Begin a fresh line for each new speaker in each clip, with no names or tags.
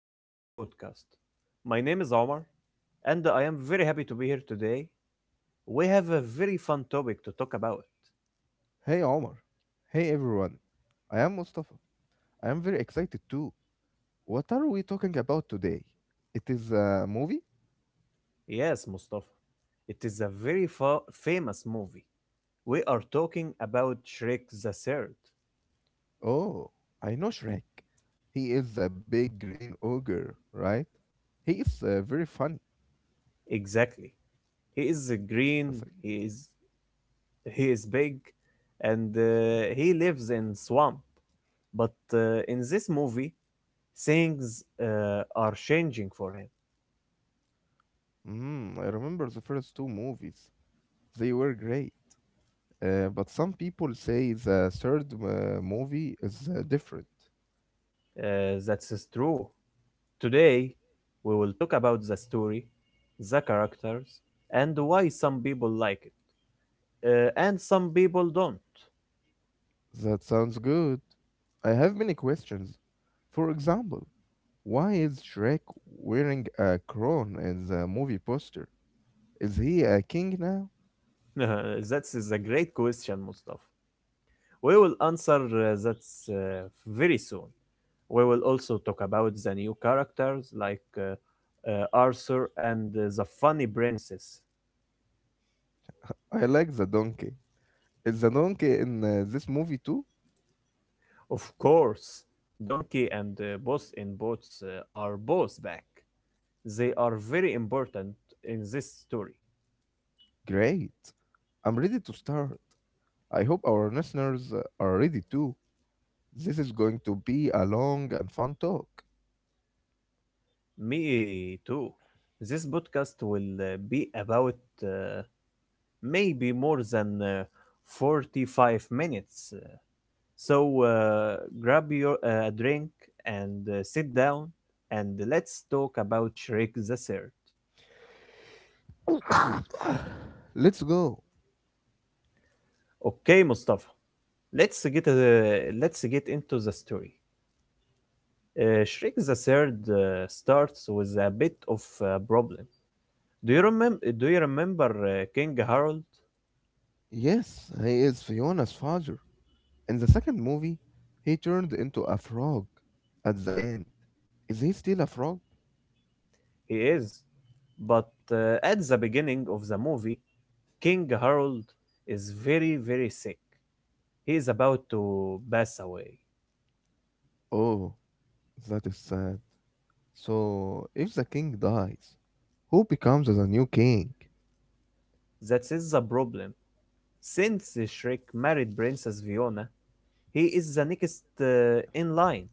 to our podcast. My name is Omar, and I am very happy to be here today. We have a very fun topic to talk about.
Hey Omar. Hey everyone. I am Mustafa. I am very excited too. What are we talking about today? It is a movie?
Yes, Mustafa, it is a very famous movie. We are talking about Shrek the Third.
Oh, I know Shrek. He is a big green ogre, right? He is very funny.
Exactly. He is
That's
green.
like-
He is big, and he lives in swamp. But in this movie, things are changing for him.
Mm, I remember the first two movies. They were great. But some people say the third movie is different.
That's true. Today, we will talk about the story, the characters, and why some people like it and some people don't.
That sounds good. I have many questions. For example, why is Shrek wearing a crown in the movie poster? Is he a king now?
That is a great question, Mustafa. We will answer that uh, very soon. We will also talk about the new characters like Arthur and the funny princess.
I like the donkey. Is the donkey in this movie too?
Of course, Donkey and Boss in Boots are both back. They are very important in this story.
Great. I'm ready to start. I hope our listeners are ready too. This is going to be a long and fun talk.
Me too. This podcast will be about uh, maybe more than 45 minutes. So grab your a drink and sit down and let's talk about Shrek the Third.
Let's go.
Okay, Mustafa. Let's get into the story. Shrek the Third starts with a bit of a problem. Do you remember King Harold?
Yes, he is Fiona's father. In the second movie, he turned into a frog at the end. Is he still a frog?
He is. But at the beginning of the movie, King Harold is very, very sick. He is about to pass away.
Oh, that is sad. So, if the king dies, who becomes the new king?
That is the problem. Since Shrek married Princess Fiona, he is the next in line.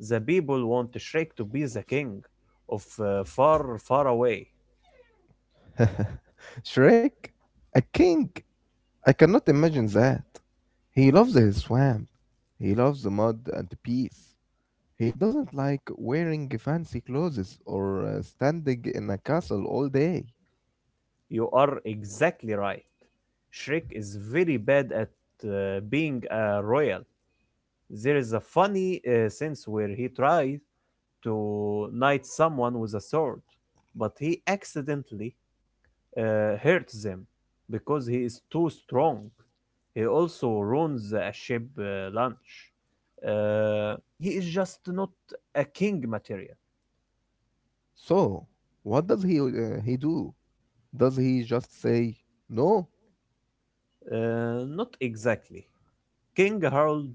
The people want Shrek to be the king of far, far away.
Shrek? A king? I cannot imagine that. He loves his swamp. He loves the mud and the peace. He doesn't like wearing fancy clothes or standing in a castle all day.
You are exactly right. Shrek is very bad at being a royal. There is a funny sense where he tries to knight someone with a sword, but he accidentally hurts them because he is too strong. He also ruins a ship lunch. He is just not a king material.
So, what does he do? Does he just say no?
Not exactly. King Harold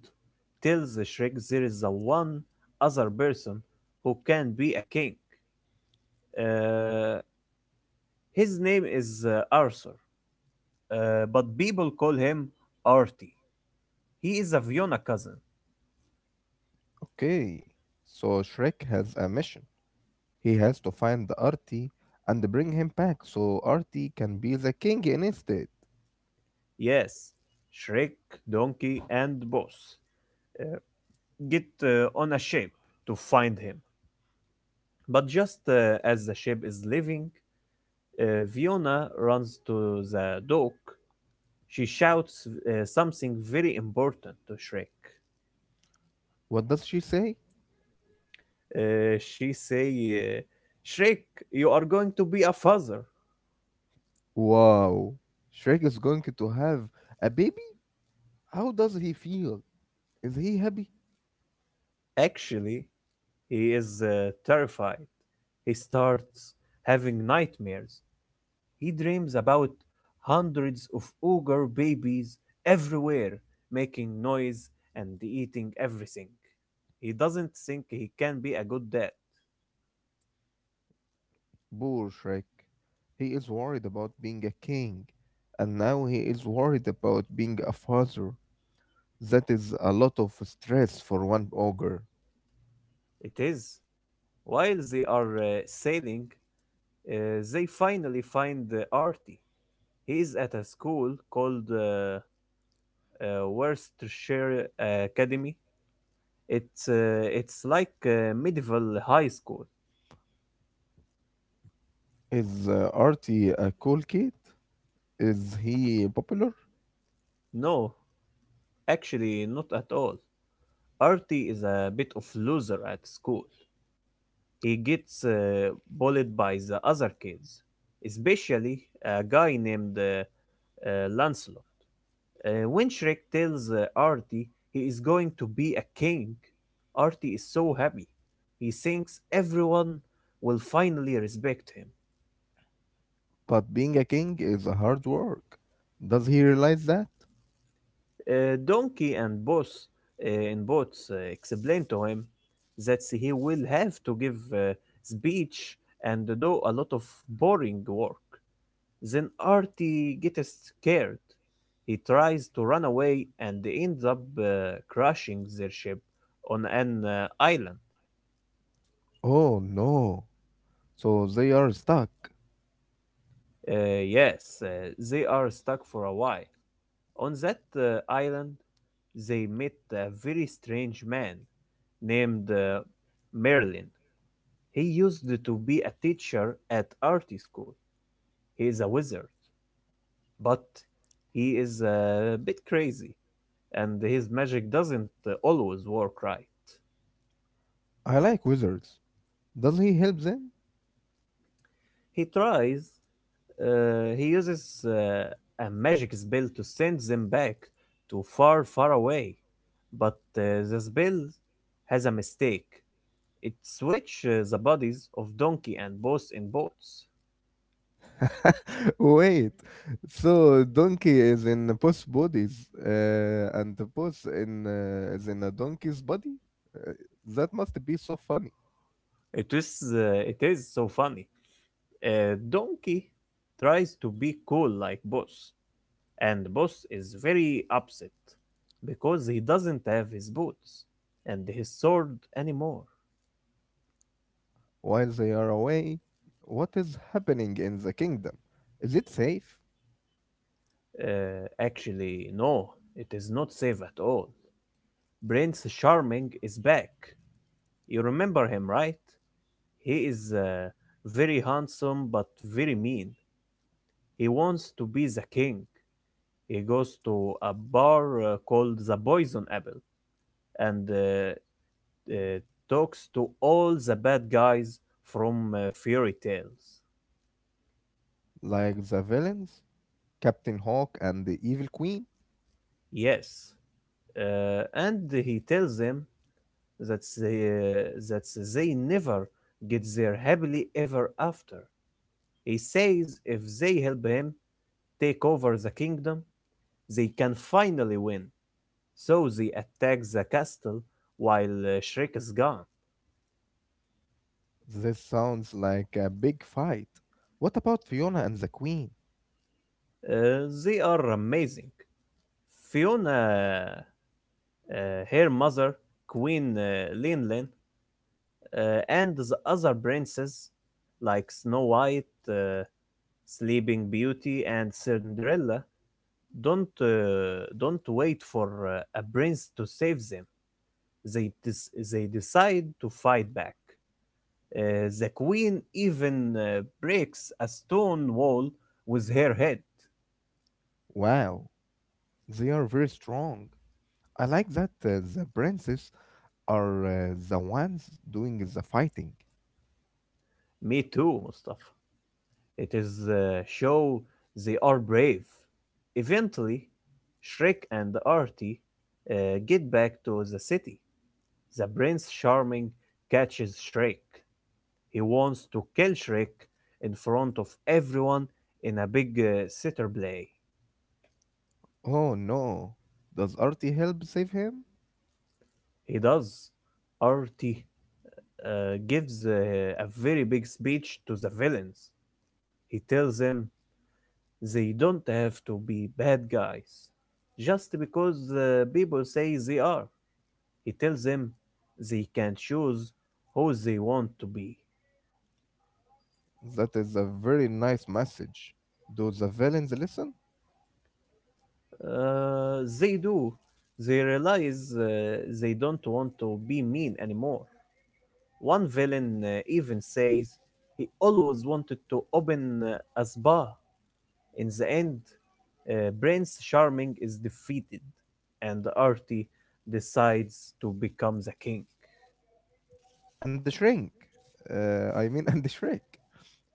tells Shrek there is a one other person who can be a king. Uh, his name is Arthur, but people call him Artie. He is a Fiona cousin.
Okay. So Shrek has a mission. He has to find the Artie and bring him back so Artie can be the king instead.
Yes, Shrek, Donkey, and Boss uh, get on a ship to find him. But just as the ship is leaving, Fiona runs to the dock. She shouts something very important to Shrek.
What does she say?
She say, uh, "Shrek, you are going to be a father."
Wow, Shrek is going to have a baby? How does he feel? Is he happy?
Actually, he is terrified. He starts having nightmares. He dreams about hundreds of ogre babies everywhere, making noise and eating everything. He doesn't think he can be a good dad.
Poor Shrek. He is worried about being a king, and now he is worried about being a father. That is a lot of stress for one ogre.
It is while they are sailing, uh, they finally find Artie. He is at a school called Worcestershire Academy. It's it's like medieval high school.
Is Artie a cool kid? Is he popular?
No, actually, not at all. Artie is a bit of loser at school. He gets bullied by the other kids, especially a guy named Lancelot. When Shrek tells Artie he is going to be a king, Artie is so happy. He thinks everyone will finally respect him.
But being a king is a hard work. Does he realize that?
Donkey and Boss and Boots explain to him that he will have to give speech and do a lot of boring work. Then Artie gets scared. He tries to run away and ends up crashing their ship on an island.
Oh no. So they are stuck.
Yes, they are stuck for a while. On that island, they meet a very strange man named Merlin. He used to be a teacher at art school. He is a wizard, but he is a bit crazy, and his magic doesn't always work right.
I like wizards. Does he help them?
He tries, he uses a magic spell to send them back to far, far away, but the spell has a mistake. It switches the bodies of donkey and boss in boats.
Wait. So donkey is in both bodies, and the boss in is in a donkey's body. Uh, that must be so funny.
It is so funny. Donkey tries to be cool like Boss, and Boss is very upset because he doesn't have his boots and his sword anymore.
While they are away, what is happening in the kingdom? Is it safe?
Actually, no, it is not safe at all. Prince Charming is back. You remember him, right? He is very handsome but very mean. He wants to be the king. He goes to a bar called the Poison Apple and uh, talks to all the bad guys from fairy tales.
Like the villains, Captain Hawk and the Evil Queen?
Yes, and he tells them that they never get there happily ever after. He says if they help him take over the kingdom, they can finally win. So they attack the castle while Shrek is gone.
This sounds like a big fight. What about Fiona and the Queen?
They are amazing. Fiona, uh, her mother, Queen Linlin, and the other princes like Snow White, Sleeping Beauty, and Cinderella don't wait for a prince to save them. They decide to fight back. The queen even breaks a stone wall with her head.
Wow, they are very strong. I like that the princes are the ones doing the fighting.
Me too, Mustafa. It is show they are brave. Eventually, Shrek and Artie get back to the city. The Prince Charming catches Shrek; he wants to kill Shrek in front of everyone in a big theater play.
Oh no, does Artie help save him?
He does. Artie gives a very big speech to the villains. He tells them they don't have to be bad guys just because people say they are. He tells them they can choose who they want to be.
That is a very nice message. Do the villains listen?
They do. They realize they don't want to be mean anymore. One villain even says he always wanted to open a spa. In the end, Prince Charming is defeated, and Artie decides to become the king.
And the shrink. I mean, and the shrink.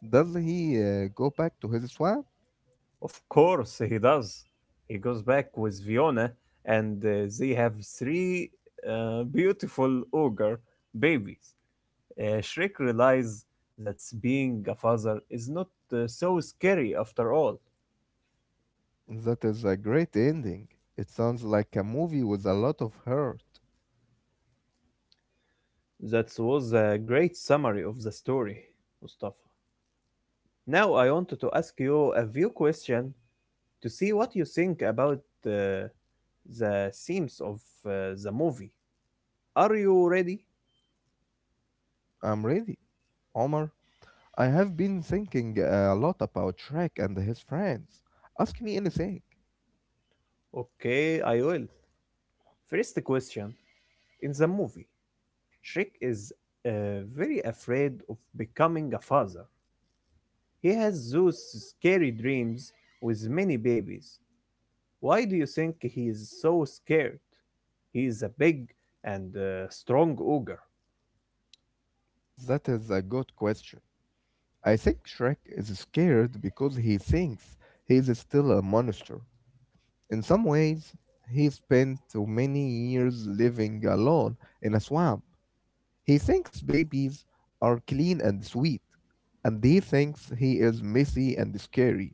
Does he go back to his swamp?
Of course, he does. He goes back with Fiona, and they have three beautiful ogre babies. Shrek realizes that being a father is not so scary after all.
That is a great ending. It sounds like a movie with a lot of heart.
That was a great summary of the story, Mustafa. Now I wanted to ask you a few questions to see what you think about uh, the themes of uh, the movie. Are you ready?
I'm ready. Omar, I have been thinking a lot about Shrek and his friends. Ask me anything.
Okay, I will. First question. In the movie, Shrek is uh, very afraid of becoming a father. He has those scary dreams with many babies. Why do you think he is so scared? He is a big and strong ogre.
That is a good question. I think Shrek is scared because he thinks he is still a monster. In some ways, he spent too many years living alone in a swamp. He thinks babies are clean and sweet, and he thinks he is messy and scary.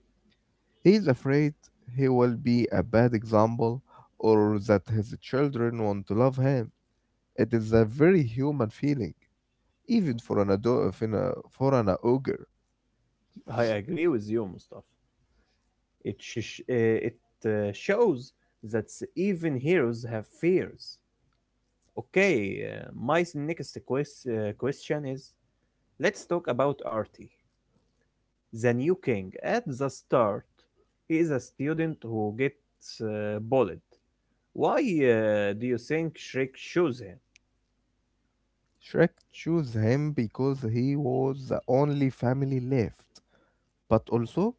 He is afraid he will be a bad example or that his children want to love him. It is a very human feeling, even for an adult, for an ogre.
I agree with you, Mustafa. It shows that even heroes have fears. Okay, my question is let's talk about Artie. The new king at the start. He is a student who gets bullied. Why do you think Shrek chose him?
Shrek chose him because he was the only family left, but also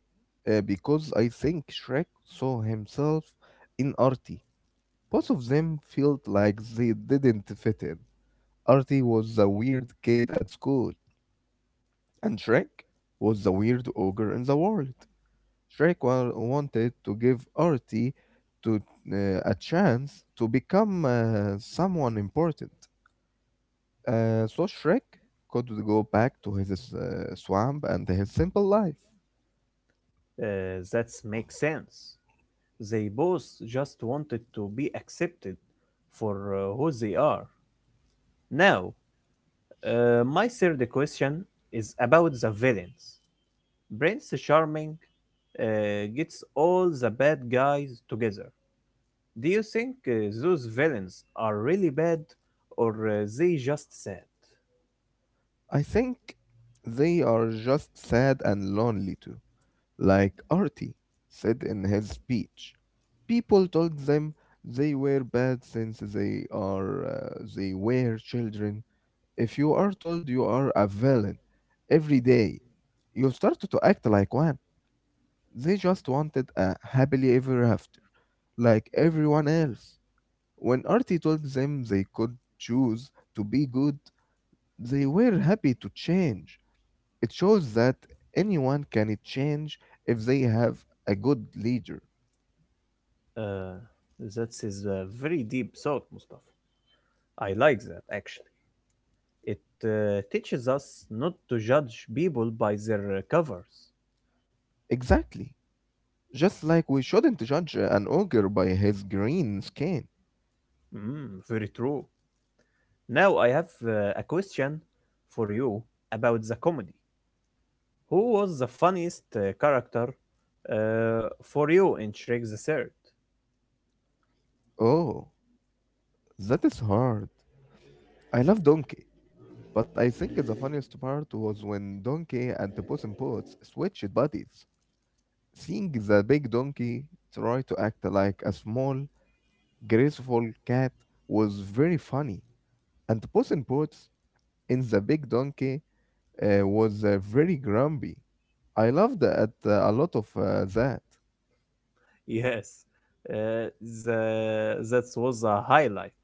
because I think Shrek saw himself in Artie. Both of them felt like they didn't fit in. Artie was the weird kid at school, and Shrek was the weird ogre in the world. Shrekwa wanted to give Artie to uh, a chance to become someone important. So Shrek could go back to his swamp and his simple life.
That makes sense. They both just wanted to be accepted for who they are. Now, my third question is about the villains. Prince Charming uh, gets all the bad guys together. Do you think those villains are really bad, or they just sad?
I think they are just sad and lonely too. Like Artie said in his speech, people told them they were bad since they were children. If you are told you are a villain every day you started to act like one. They just wanted a happily ever after, like everyone else. When Artie told them they could choose to be good, they were happy to change. It shows that anyone can change if they have a good leader.
Uh, that is a very deep thought, Mustafa. I like that actually. It teaches us not to judge people by their covers.
Exactly. Just like we shouldn't judge an ogre by his green skin.
Mm, very true. Now I have a question for you about the comedy. Who was the funniest character for you in Shrek the Third?
Oh, that is hard. I love Donkey. But I think the funniest part was when Donkey and the Puss in Boots switched bodies. Seeing the big donkey try to act like a small, graceful cat was very funny. And Puss in Boots in the big donkey was very grumpy. I loved a lot of that.
Yes, uh, the that was the highlight.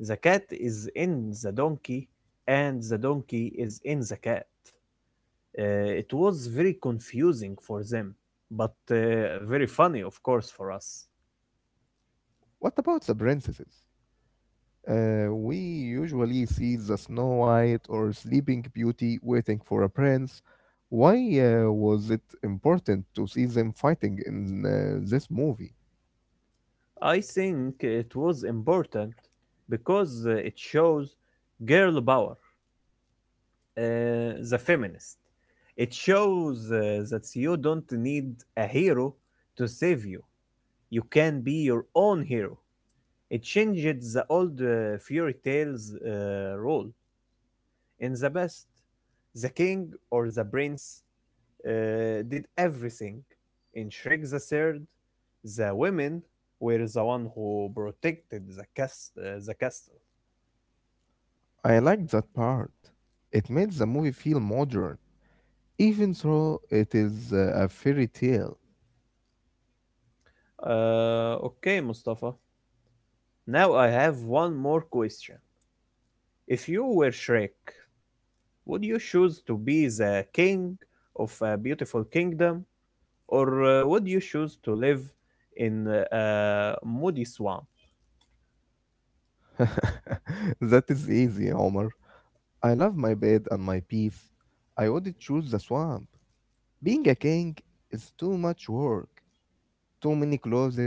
The cat is in the donkey, and the donkey is in the cat. It was very confusing for them, but very funny, of course, for us.
What about the princesses? We usually see the Snow White or Sleeping Beauty waiting for a prince. Why was it important to see them fighting in this movie?
I think it was important because it shows girl power, the feminist. It shows that you don't need a hero to save you. You can be your own hero. It changed the old fairy tales rule. In the past, the king or the prince did everything. In Shrek the Third, the women were the one who protected the castle.
I liked that part. It made the movie feel modern, even though it is a fairy tale.
Okay, Mustafa. Now I have one more question. If you were Shrek, would you choose to be the king of a beautiful kingdom? Or would you choose to live in a muddy swamp?
That is easy, Omar. I love my bed and my peace. I would choose the swamp. Being a king is too much work. Too many clothes,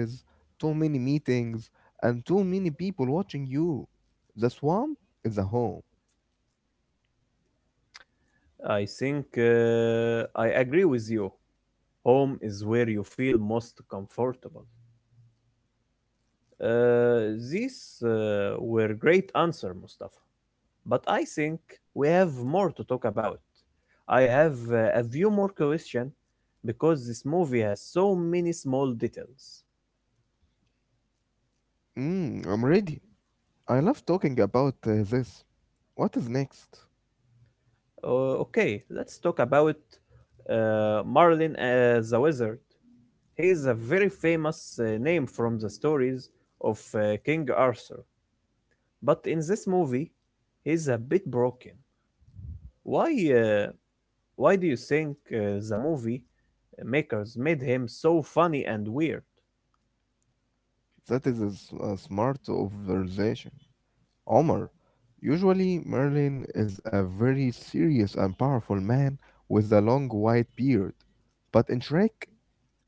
too many meetings, and too many people watching you. The swamp is a home.
I think I agree with you. Home is where you feel most comfortable. These were great answer, Mustafa. But I think we have more to talk about. I have a few more question because this movie has so many small details.
Mm, I'm ready. I love talking about this. What is next?
Okay, let's talk about Marlin as a wizard. He is a very famous name from the stories of King Arthur, but in this movie, he's a bit broken. Why? Why do you think the movie makers made him so funny and weird?
That is a, a smart observation. Omar, usually Merlin is a very serious and powerful man with a long white beard, but in Shrek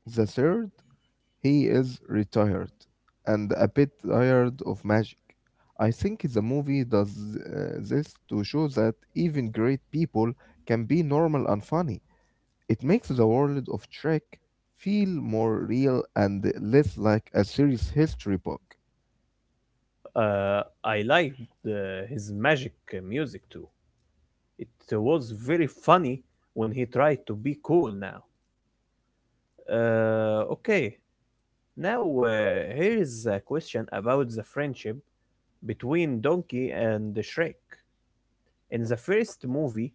the Third, he is retired and a bit tired of magic. I think the movie does this to show that even great people can be normal and funny. It makes the world of Trek feel more real and less like a serious history book.
I liked uh, his magic music too. It was very funny when he tried to be cool now. Okay, now here is a question about the friendship between Donkey and Shrek. In the first movie,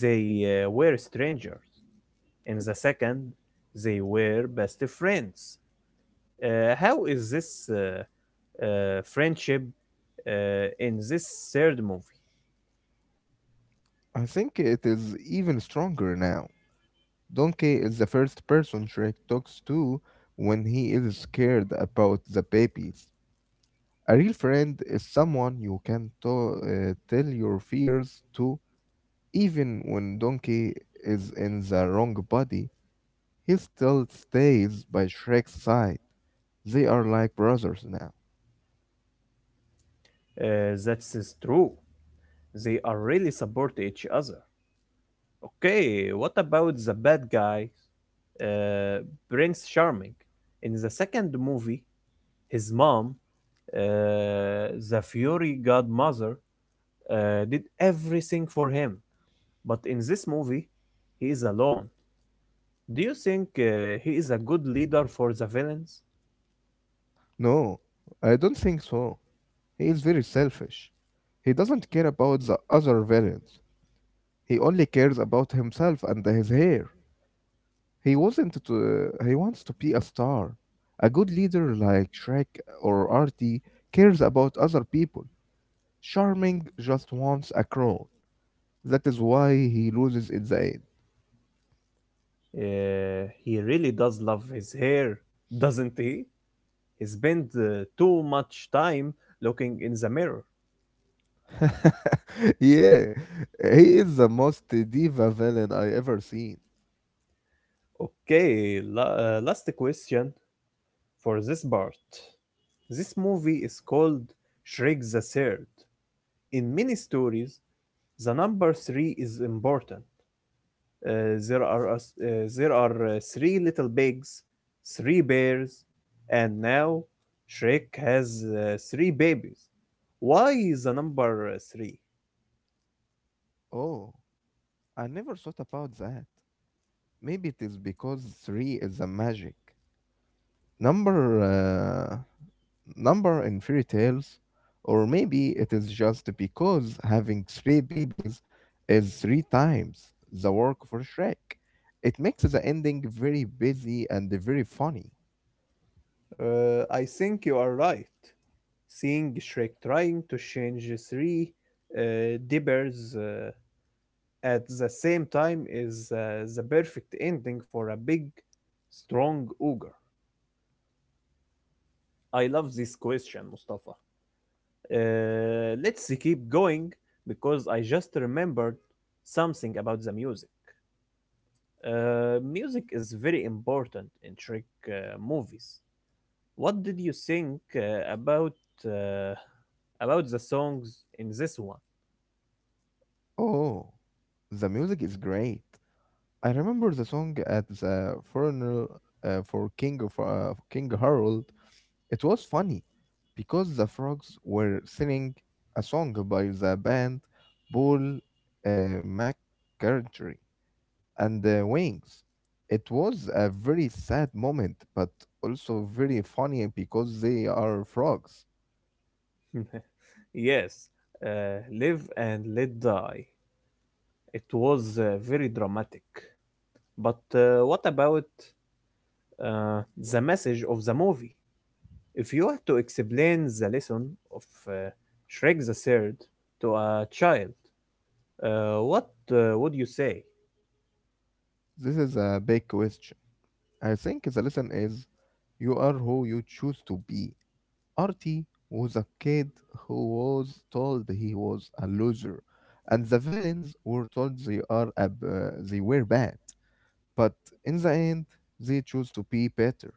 they were strangers. In the second, they were best friends. How is this friendship uh, in this third movie?
I think it is even stronger now. Donkey is the first person Trek talks to when he is scared about the babies. A real friend is someone you can tell your fears to, even when Donkey is in the wrong body, he still stays by Shrek's side. They are like brothers now.
That's is true. They are really support each other. Okay, what about the bad guy, uh, Prince Charming? In the second movie, his mom, the Fury Godmother, did everything for him. But in this movie, he is alone. Do you think he is a good leader for the villains?
No, I don't think so. He is very selfish. He doesn't care about the other villains. He only cares about himself and his hair. He wasn't to, He wants to be a star. A good leader like Shrek or Artie cares about other people. Charming just wants a crown. That is why he loses in the end.
He really does love his hair, doesn't he? He spends too much time looking in the mirror.
Yeah, he is the most diva villain I ever seen.
Okay, last question for this part. This movie is called Shrek the Third. In many stories, the number three is important. Uh, there are a s- uh, there are three little pigs, three bears, and now Shrek has three babies. Why is the number three?
Oh, I never thought about that. Maybe it is because three is a magic number, uh, number in fairy tales, or maybe it is just because having three babies is three times the work for Shrek. It makes the ending very busy and very funny.
I think you are right. Seeing Shrek trying to change three dibbers at the same time is the perfect ending for a big, strong ogre. I love this question, Mustafa. Let's keep going because I just remembered something about the music. Music is very important in Trek movies. What did you think uh, about the songs in this one?
Oh, the music is great. I remember the song at the funeral for King Harold. It was funny because the frogs were singing a song by the band Paul uh, McCartney and the Wings. It was a very sad moment, but also very funny because they are frogs.
Yes, live and let die. It was very dramatic. But what about uh, the message of the movie? If you had to explain the lesson of uh, Shrek the Third to a child, what would you say?
This is a big question. I think the lesson is you are who you choose to be. Artie was a kid who was told he was a loser, and the villains were told they are a b- they were bad. But in the end, they chose to be better.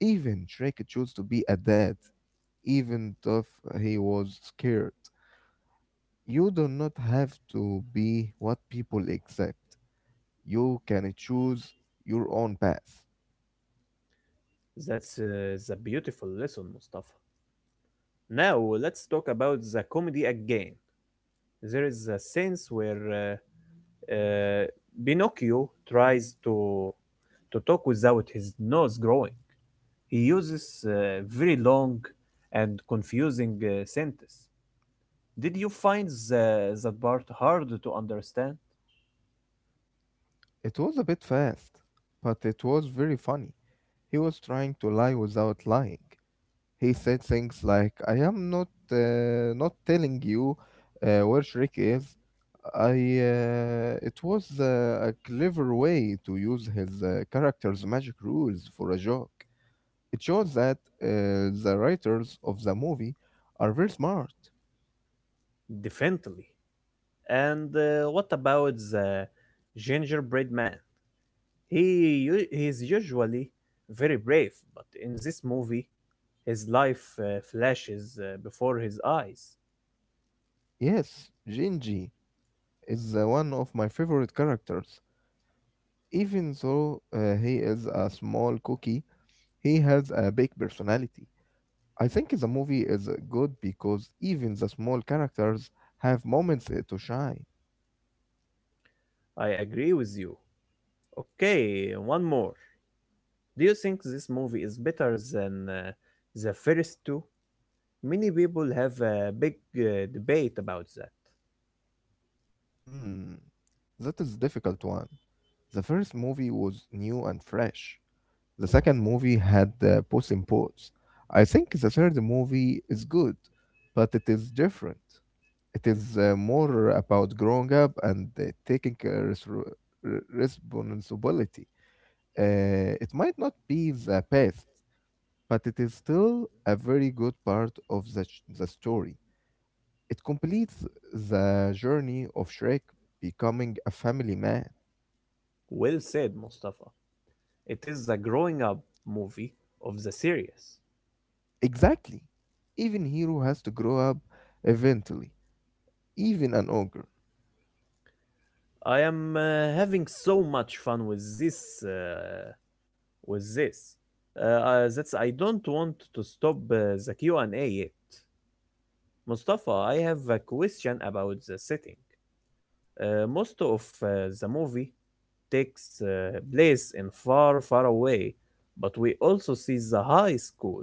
Even Shrek chose to be a dad, even if he was scared. You do not have to be what people accept. You can choose your own path.
That's the beautiful lesson, Mustafa. Now let's talk about the comedy again. There is a sense where uh, uh, Pinocchio tries to talk without his nose growing. He uses very long and confusing sentences. Did you find that part hard to understand?
It was a bit fast, but it was very funny. He was trying to lie without lying. He said things like, "I am not telling you where Shrek is." I it was a clever way to use his character's magic rules for a joke. It shows that the writers of the movie are very smart.
Definitely. And what about the gingerbread man? He's usually very brave, but in this movie, his life flashes before his eyes.
Yes, Gingy is one of my favorite characters. Even though he is a small cookie, he has a big personality. I think the movie is good because even the small characters have moments to shine.
I agree with you. Okay, one more. Do you think this movie is better than the first two? Many people have a big debate about that.
Hmm, that is difficult one. The first movie was new and fresh. The second movie had Puss in Boots. I think the third movie is good, but it is different. It is more about growing up and taking responsibility. It might not be the best, but it is still a very good part of the, the story. It completes the journey of Shrek becoming a family man.
Well said, Mustafa. It is the growing up movie of the series.
Exactly. Even Hero has to grow up eventually, even an ogre.
I am having so much fun with this. That's I don't want to stop the Q&A yet. Mustafa, I have a question about the setting. Most of the movie takes place in far, far away, but we also see the high school.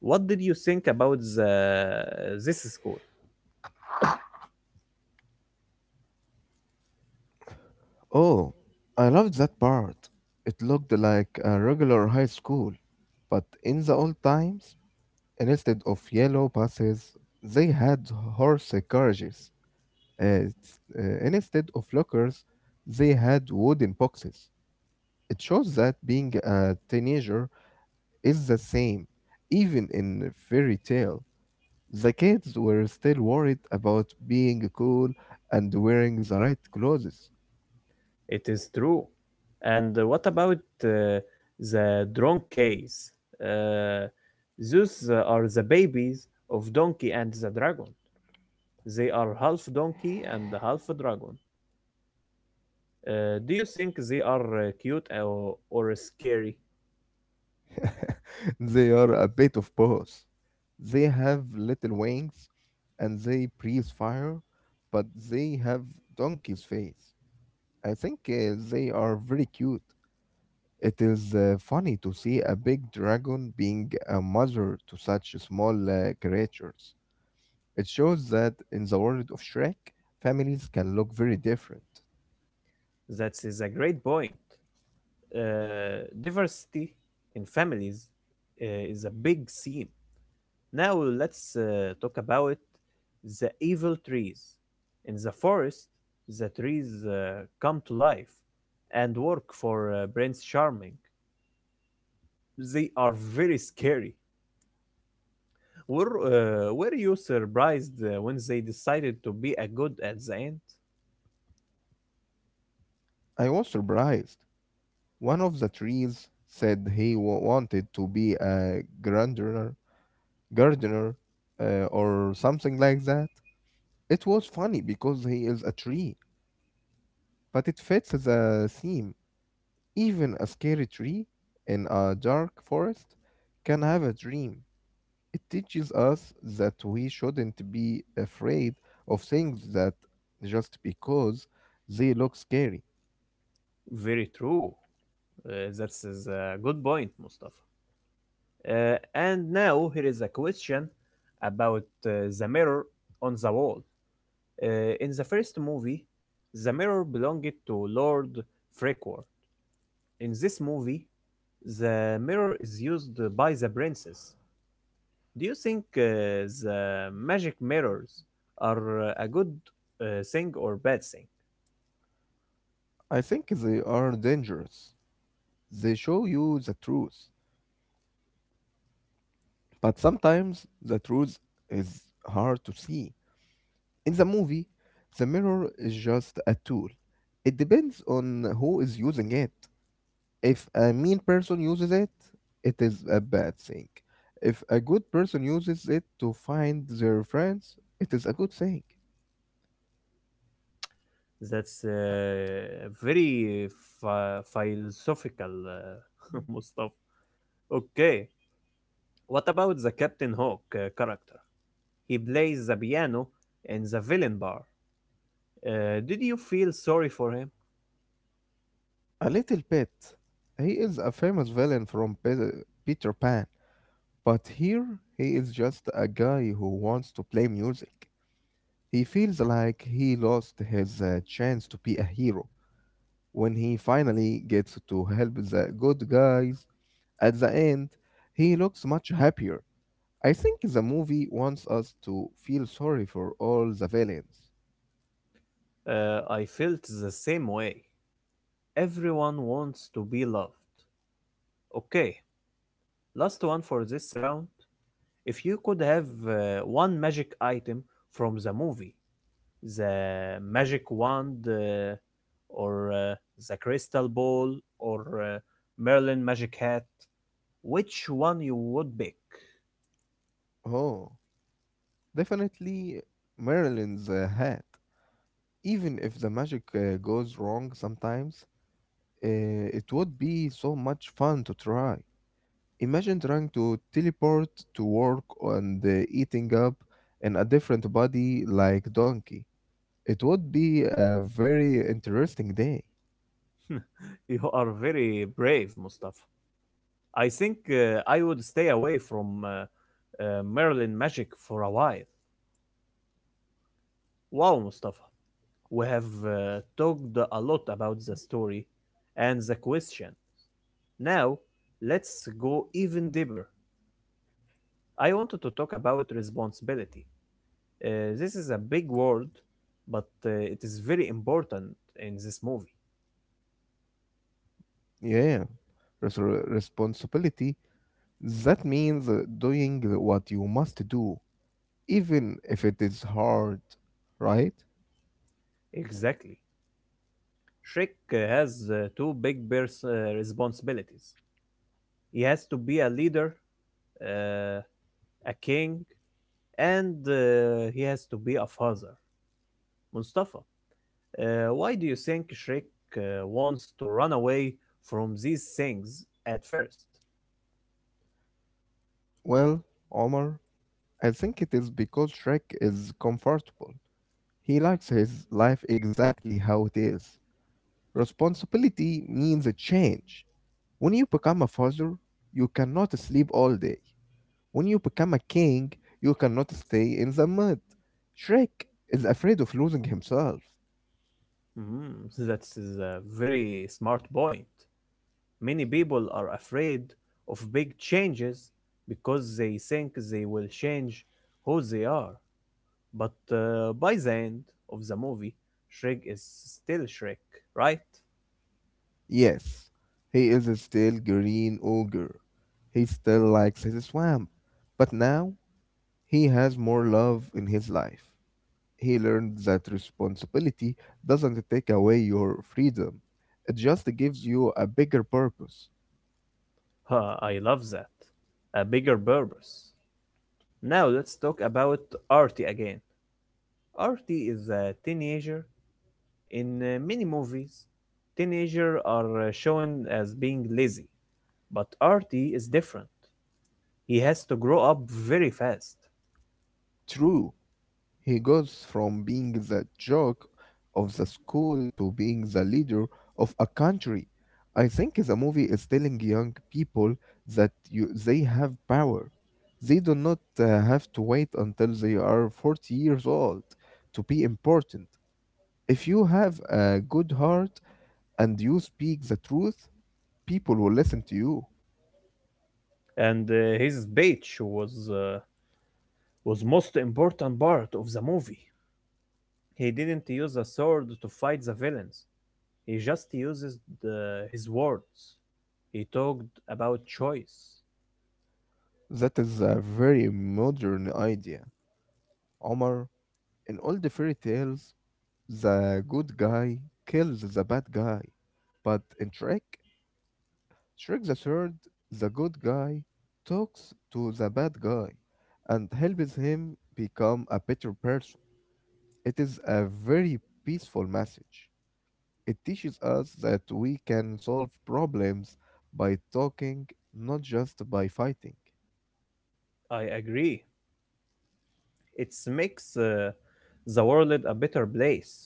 What did you think about the this school?
Oh, I loved that part. It looked like a regular high school, but in the old times, instead of yellow buses, they had horse carriages. S- instead of lockers, they had wooden boxes. It shows that being a teenager is the same. Even in fairy tale, the kids were still worried about being cool and wearing the right clothes.
It is true. And what about uh, the drone case? Uh, those are the babies of Donkey and the Dragon. They are half donkey and half dragon. Do you think they are cute or scary?
They are a bit of both. They have little wings and they breathe fire, but they have donkey's face. I think they are very cute. It is funny to see a big dragon being a mother to such small creatures. It shows that in the world of Shrek, families can look very different.
That is a great point. Diversity in families is a big theme. Now let's talk about the evil trees. In the forest, the trees come to life and work for Prince Charming. They are very scary. Were you surprised when they decided to be a good at the end?
I was surprised. One of the trees said wanted to be a gardener, gardener, or something like that. It was funny because he is a tree, but it fits the theme. Even a scary tree in a dark forest can have a dream. It teaches us that we shouldn't be afraid of things that just because they look scary.
Very true. That's a good point, Mustafa. And now here is a question about the mirror on the wall. In the first movie, the mirror belonged to Lord Frequor. In this movie, the mirror is used by the princess. Do you think the magic mirrors are a good thing or bad thing?
I think they are dangerous. They show you the truth. But sometimes the truth is hard to see. In the movie, the mirror is just a tool. It depends on who is using it. If a mean person uses it, it is a bad thing. If a good person uses it to find their friends, it is a good thing.
That's very philosophical, Mustafa. Okay. What about the Captain Hook character? He plays the piano in the villain bar. Did you feel sorry for him?
A little bit. He is a famous villain from Peter Pan, but here he is just a guy who wants to play music. He feels like he lost his chance to be a hero when he finally gets to help the good guys. At the end, he looks much happier. I think the movie wants us to feel sorry for all the villains.
I felt the same way. Everyone wants to be loved. Okay, last one for this round. If you could have one magic item from the movie, the magic wand, or the crystal ball, or Merlin magic hat, which one you would pick?
Oh, definitely Marilyn's hat. Even if the magic goes wrong sometimes, it would be so much fun to try. Imagine trying to teleport to work and eating up in a different body like donkey. It would be a very interesting day.
You are very brave, Mustafa. I think I would stay away from Merlin magic for a while. Wow, Mustafa, we have talked a lot about the story and the question. Now, let's go even deeper. I wanted to talk about responsibility. This is a big word, but it is very important in this movie.
Yeah, yeah. Responsibility. That means doing what you must do, even if it is hard, right?
Exactly. Shrek has two big responsibilities. He has to be a leader, uh, a king, and he has to be a father. Mustafa, why do you think Shrek wants to run away from these things at first?
Well, Omar, I think it is because Shrek is comfortable. He likes his life exactly how it is. Responsibility means a change. When you become a father, you cannot sleep all day. When you become a king, you cannot stay in the mud. Shrek is afraid of losing himself.
Mm, that is a very smart point. Many people are afraid of big changes because they think they will change who they are. But by the end of the movie, Shrek is still Shrek, right?
Yes, he is a still green ogre. He still likes his swamp, but now he has more love in his life. He learned that responsibility doesn't take away your freedom, it just gives you a bigger purpose.
Huh, I love that. A bigger purpose. Now let's talk about Artie again. Artie is a teenager. In many movies, teenagers are shown as being lazy, but Artie is different. He has to grow up very fast,
True. He goes from being the joke of the school to being the leader of a country. I think the movie is telling young people that they have power. They do not have to wait until they are 40 years old to be important. If you have a good heart and you speak the truth, people will listen to you.
and his speech was most important part of the movie. He didn't use a sword to fight the villains. He just uses his words. He talked about choice.
That is a very modern idea. Omar, in all the fairy tales, the good guy kills the bad guy. But in Shrek, Shrek the Third, the good guy talks to the bad guy and helps him become a better person. It is a very peaceful message. It teaches us that we can solve problems by talking, not just by fighting.
I agree. It makes the world a better place.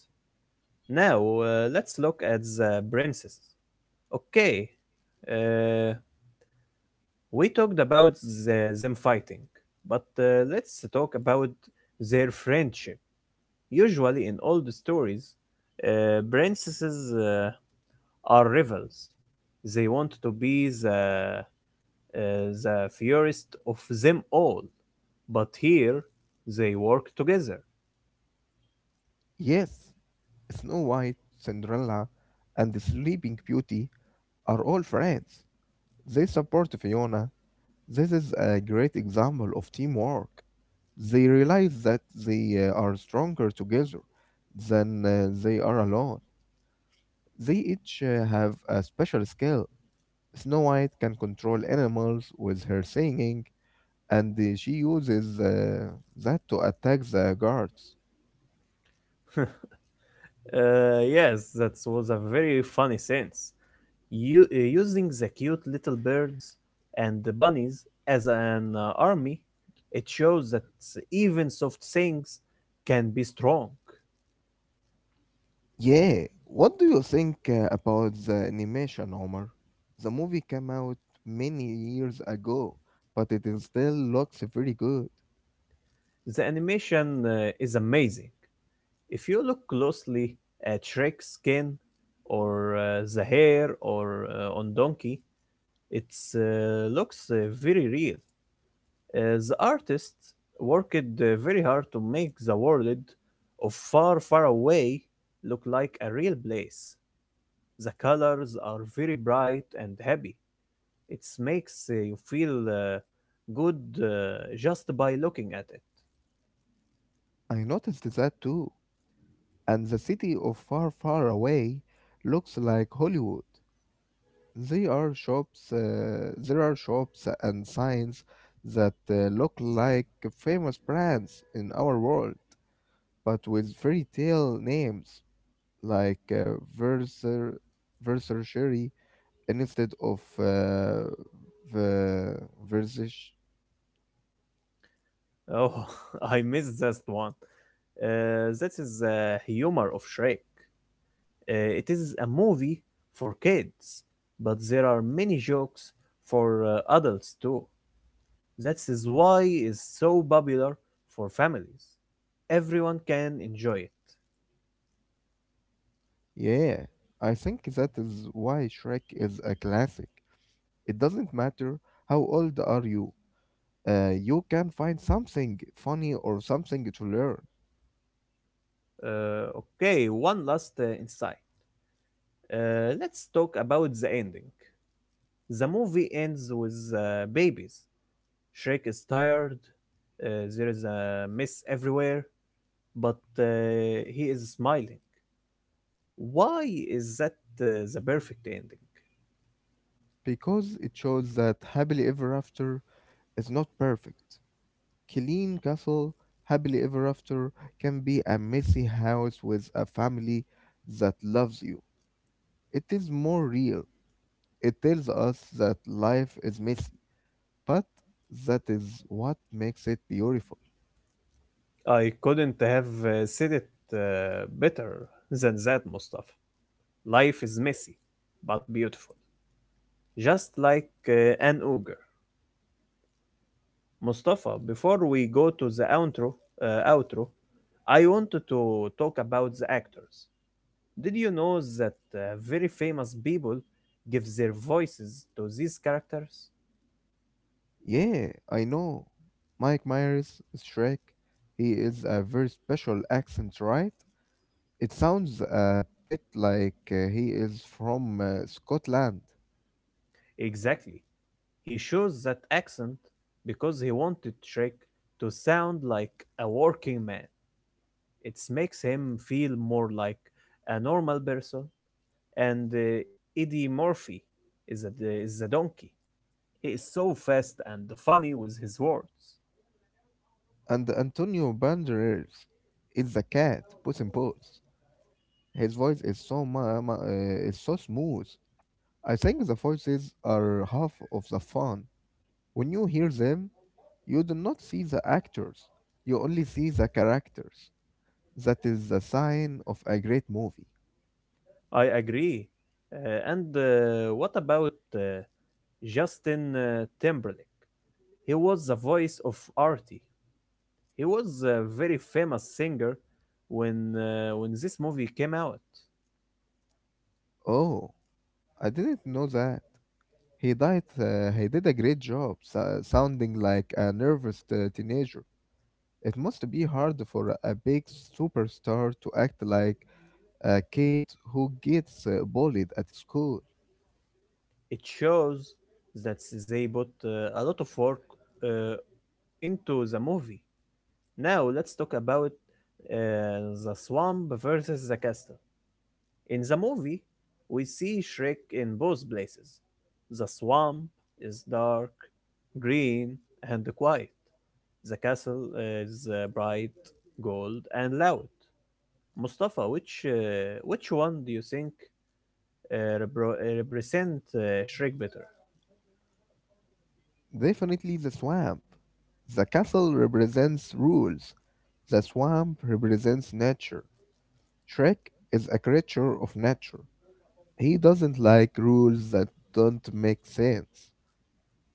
Now, let's look at the princess. Okay, uh, we talked about them fighting, but let's talk about their friendship. Usually, in old stories, princesses are rivals. They want to be uh, the fiercest of them all, but here they work together.
Yes, Snow White, Cinderella, and the Sleeping Beauty are all friends. They support Fiona. This is a great example of teamwork. They realize that they are stronger together than they are alone. They each have a special skill. Snow White can control animals with her singing, and she uses that to attack the guards.
Yes, that was a very funny sense. Using the cute little birds and the bunnies as an army, it shows that even soft things can be strong.
Yeah, what do you think about the animation, Omar? The movie came out many years ago, but it is still looks very good.
The animation is amazing. If you look closely at Shrek's skin or the hair or on Donkey, it looks very real. The artist worked very hard to make the world of Far Far Away look like a real place. The colors are very bright and happy. It makes you feel good just by looking at it.
I noticed that too, and the city of far, far away looks like Hollywood. There are shops and signs that look like famous brands in our world, but with fairy tale names like Versace, instead of the Versace.
Oh, I missed that one. That is the humor of Shrek. Uh, it is a movie for kids, but there are many jokes for adults too. That is why it's so popular for families. Everyone can enjoy it.
Yeah, I think that is why Shrek is a classic. It doesn't matter how old are you, you can find something funny or something to learn
Okay, one last insight. Let's talk about the ending. The movie ends with babies. Shrek is tired. There is a mess everywhere, but he is smiling. Why is that the perfect ending?
because it shows that happily ever after is not perfect. Killeen Castle happily ever after can be a messy house with a family that loves you. It is more real. It tells us that life is messy, but that is what makes it beautiful.
I couldn't have said it better than that, Mustafa. Life is messy, but beautiful. Just like an ogre. Mustafa, before we go to the outro, I wanted to talk about the actors. Did you know that very famous people give their voices to these characters?
Yeah, I know. Mike Myers is Shrek. He is a very special accent, right? It sounds a bit like he is from Scotland.
Exactly. He chose that accent because he wanted Shrek to sound like a working man. It makes him feel more like a normal person. And Eddie Murphy is a donkey. He is so fast and funny with his words.
And Antonio Banderas is the cat, Puss in Boots. His voice is is so smooth. I think the voices are half of the fun. When you hear them, you do not see the actors. You only see the characters. That is the sign of a great movie.
I agree. And what about Justin Timberlake? He was the voice of Artie. He was a very famous singer when this movie came out.
Oh, I didn't know that. He died. He did a great job, sounding like a nervous teenager. It must be hard for a big superstar to act like a kid who gets bullied at school.
It shows that they put a lot of work uh, into the movie. Now let's talk about the swamp versus the castle. In the movie, we see Shrek in both places. The swamp is dark, green, and quiet. The castle is bright, gold, and loud. Mustafa, which one do you think represent Shrek better?
Definitely the swamp. The castle represents rules. The swamp represents nature. Shrek is a creature of nature. He doesn't like rules that don't make sense.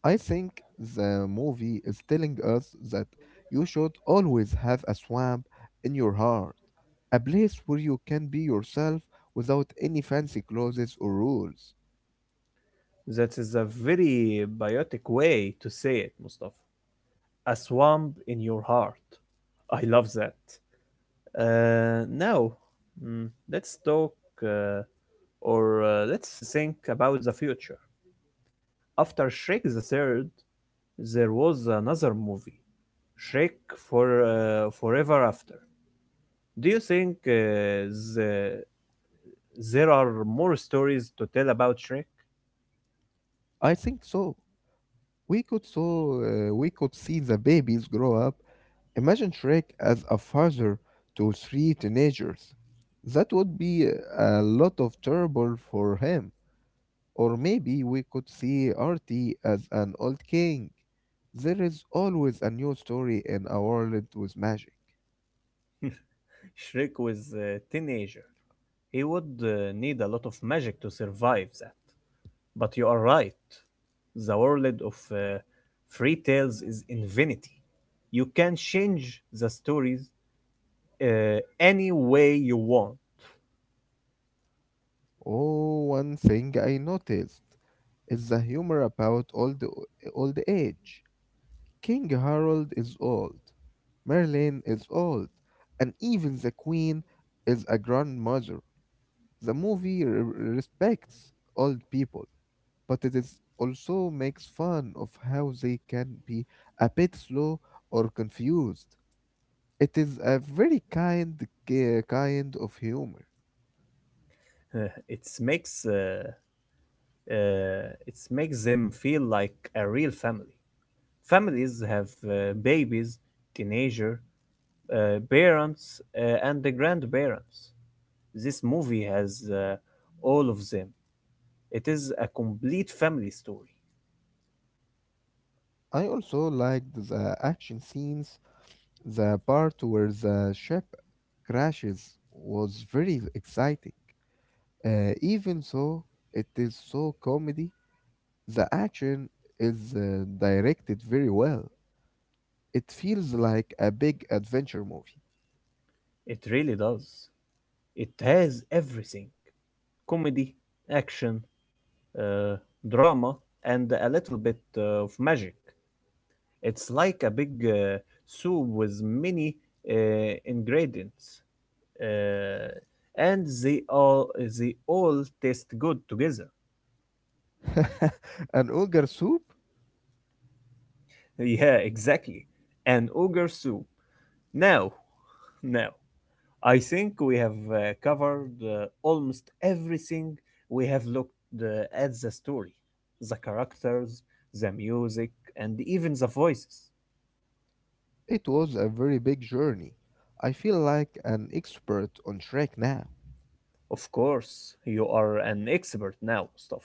I think the movie is telling us that you should always have a swamp in your heart, a place where you can be yourself without any fancy clothes or rules.
That is a very biotic way to say it, Mustafa. A swamp in your heart. I love that. Now, let's talk. Uh, Or let's think about the future. After Shrek the Third, there was another movie, Shrek Forever After. Do you think the, there are more stories to tell about Shrek?
I think so. We could see the babies grow up. Imagine Shrek as a father to three teenagers. That would be a lot of trouble for him. Or maybe we could see Artie as an old king. There is always a new story in a world with magic.
Shrek was a teenager. He would need a lot of magic to survive that. But you are right. The world of fairy tales is infinity. You can change the stories uh, any way you want.
Oh, one thing I noticed is the humor about old age. King Harold is old, Merlin is old, and even the queen is a grandmother. The movie respects old people, but it is also makes fun of how they can be a bit slow or confused. It is a very kind of humor.
Uh, it makes uh, uh, it makes them feel like a real family. Families have babies, teenager, parents, and the grandparents. This movie has all of them. It is a complete family story.
I also liked the action scenes. The part where the ship crashes was very exciting. Even so, it is so comedy. The action is directed very well. It feels like a big adventure movie.
It really does. It has everything: comedy, action, uh, drama, and a little bit of magic. It's like a big soup with many uh, ingredients, uh, and they all taste good together.
An ogre soup?
Yeah, exactly. An ogre soup. Now, now. I think we have covered almost everything. We have looked at the story, the characters, the music, and even the voices.
It was a very big journey. I feel like an expert on Shrek now.
Of course, you are an expert now, Mustafa.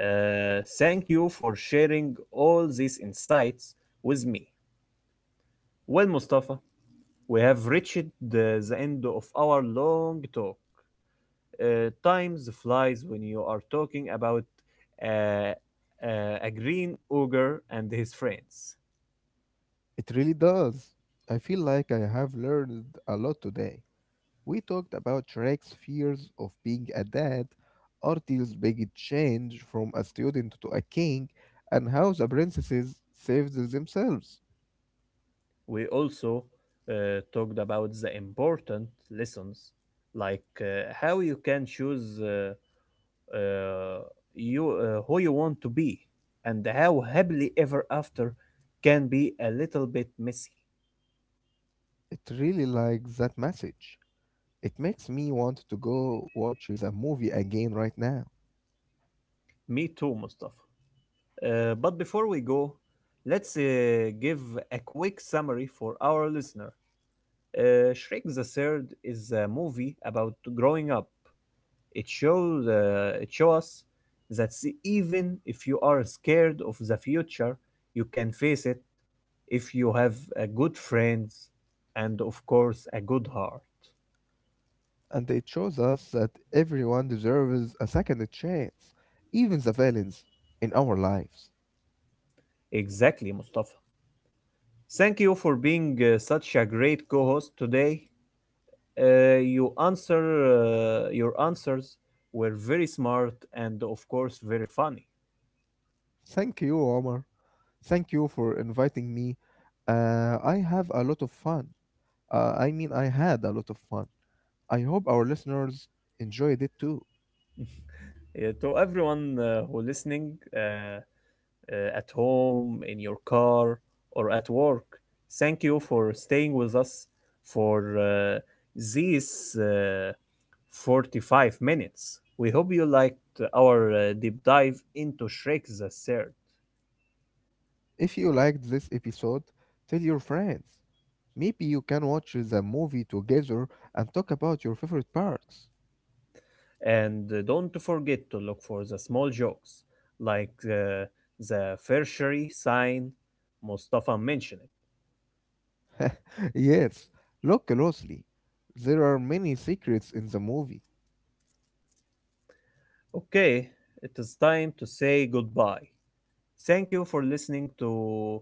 Thank you for sharing all these insights with me. Well, Mustafa, we have reached the end of our long talk. Time flies when you are talking about uh, uh, a green ogre and his friends.
It really does. I feel like I have learned a lot today. We talked about Shrek's fears of being a dad, Artie's big change from a student to a king, and how the princesses saved themselves.
We also talked about the important lessons, like how you can choose uh, you who you want to be, and how happily ever after can be a little bit messy.
It really like that message. It makes me want to go watch the movie again right now.
Me too, Mustafa. But before we go, let's give a quick summary for our listener. Shrek the Third is a movie about growing up. It shows us that even if you are scared of the future, you can face it if you have a good friends and of course a good heart.
And it shows us that everyone deserves a second chance, even the villains in our lives.
Exactly, Mustafa. Thank you for being such a great co-host today. Uh, you answer your answers were very smart and of course very funny.
Thank you, Omar. Thank you for inviting me. I have a lot of fun. I mean, I had a lot of fun. I hope our listeners enjoyed it too.
Yeah, to everyone who listening at home, in your car, or at work, thank you for staying with us for these 45 minutes. We hope you liked our deep dive into Shrek the Third.
If you liked this episode, tell your friends. Maybe you can watch the movie together and talk about your favorite parts.
And don't forget to look for the small jokes, like the tertiary sign Mustafa mentioned.
Yes, look closely. There are many secrets in the movie.
Okay, it is time to say goodbye. Thank you for listening to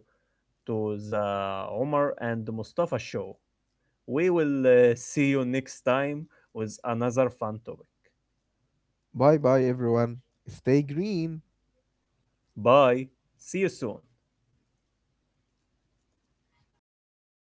to the Omar and Mustafa show. We will see you next time with another fun topic.
Bye bye, everyone. Stay green.
Bye. See you soon.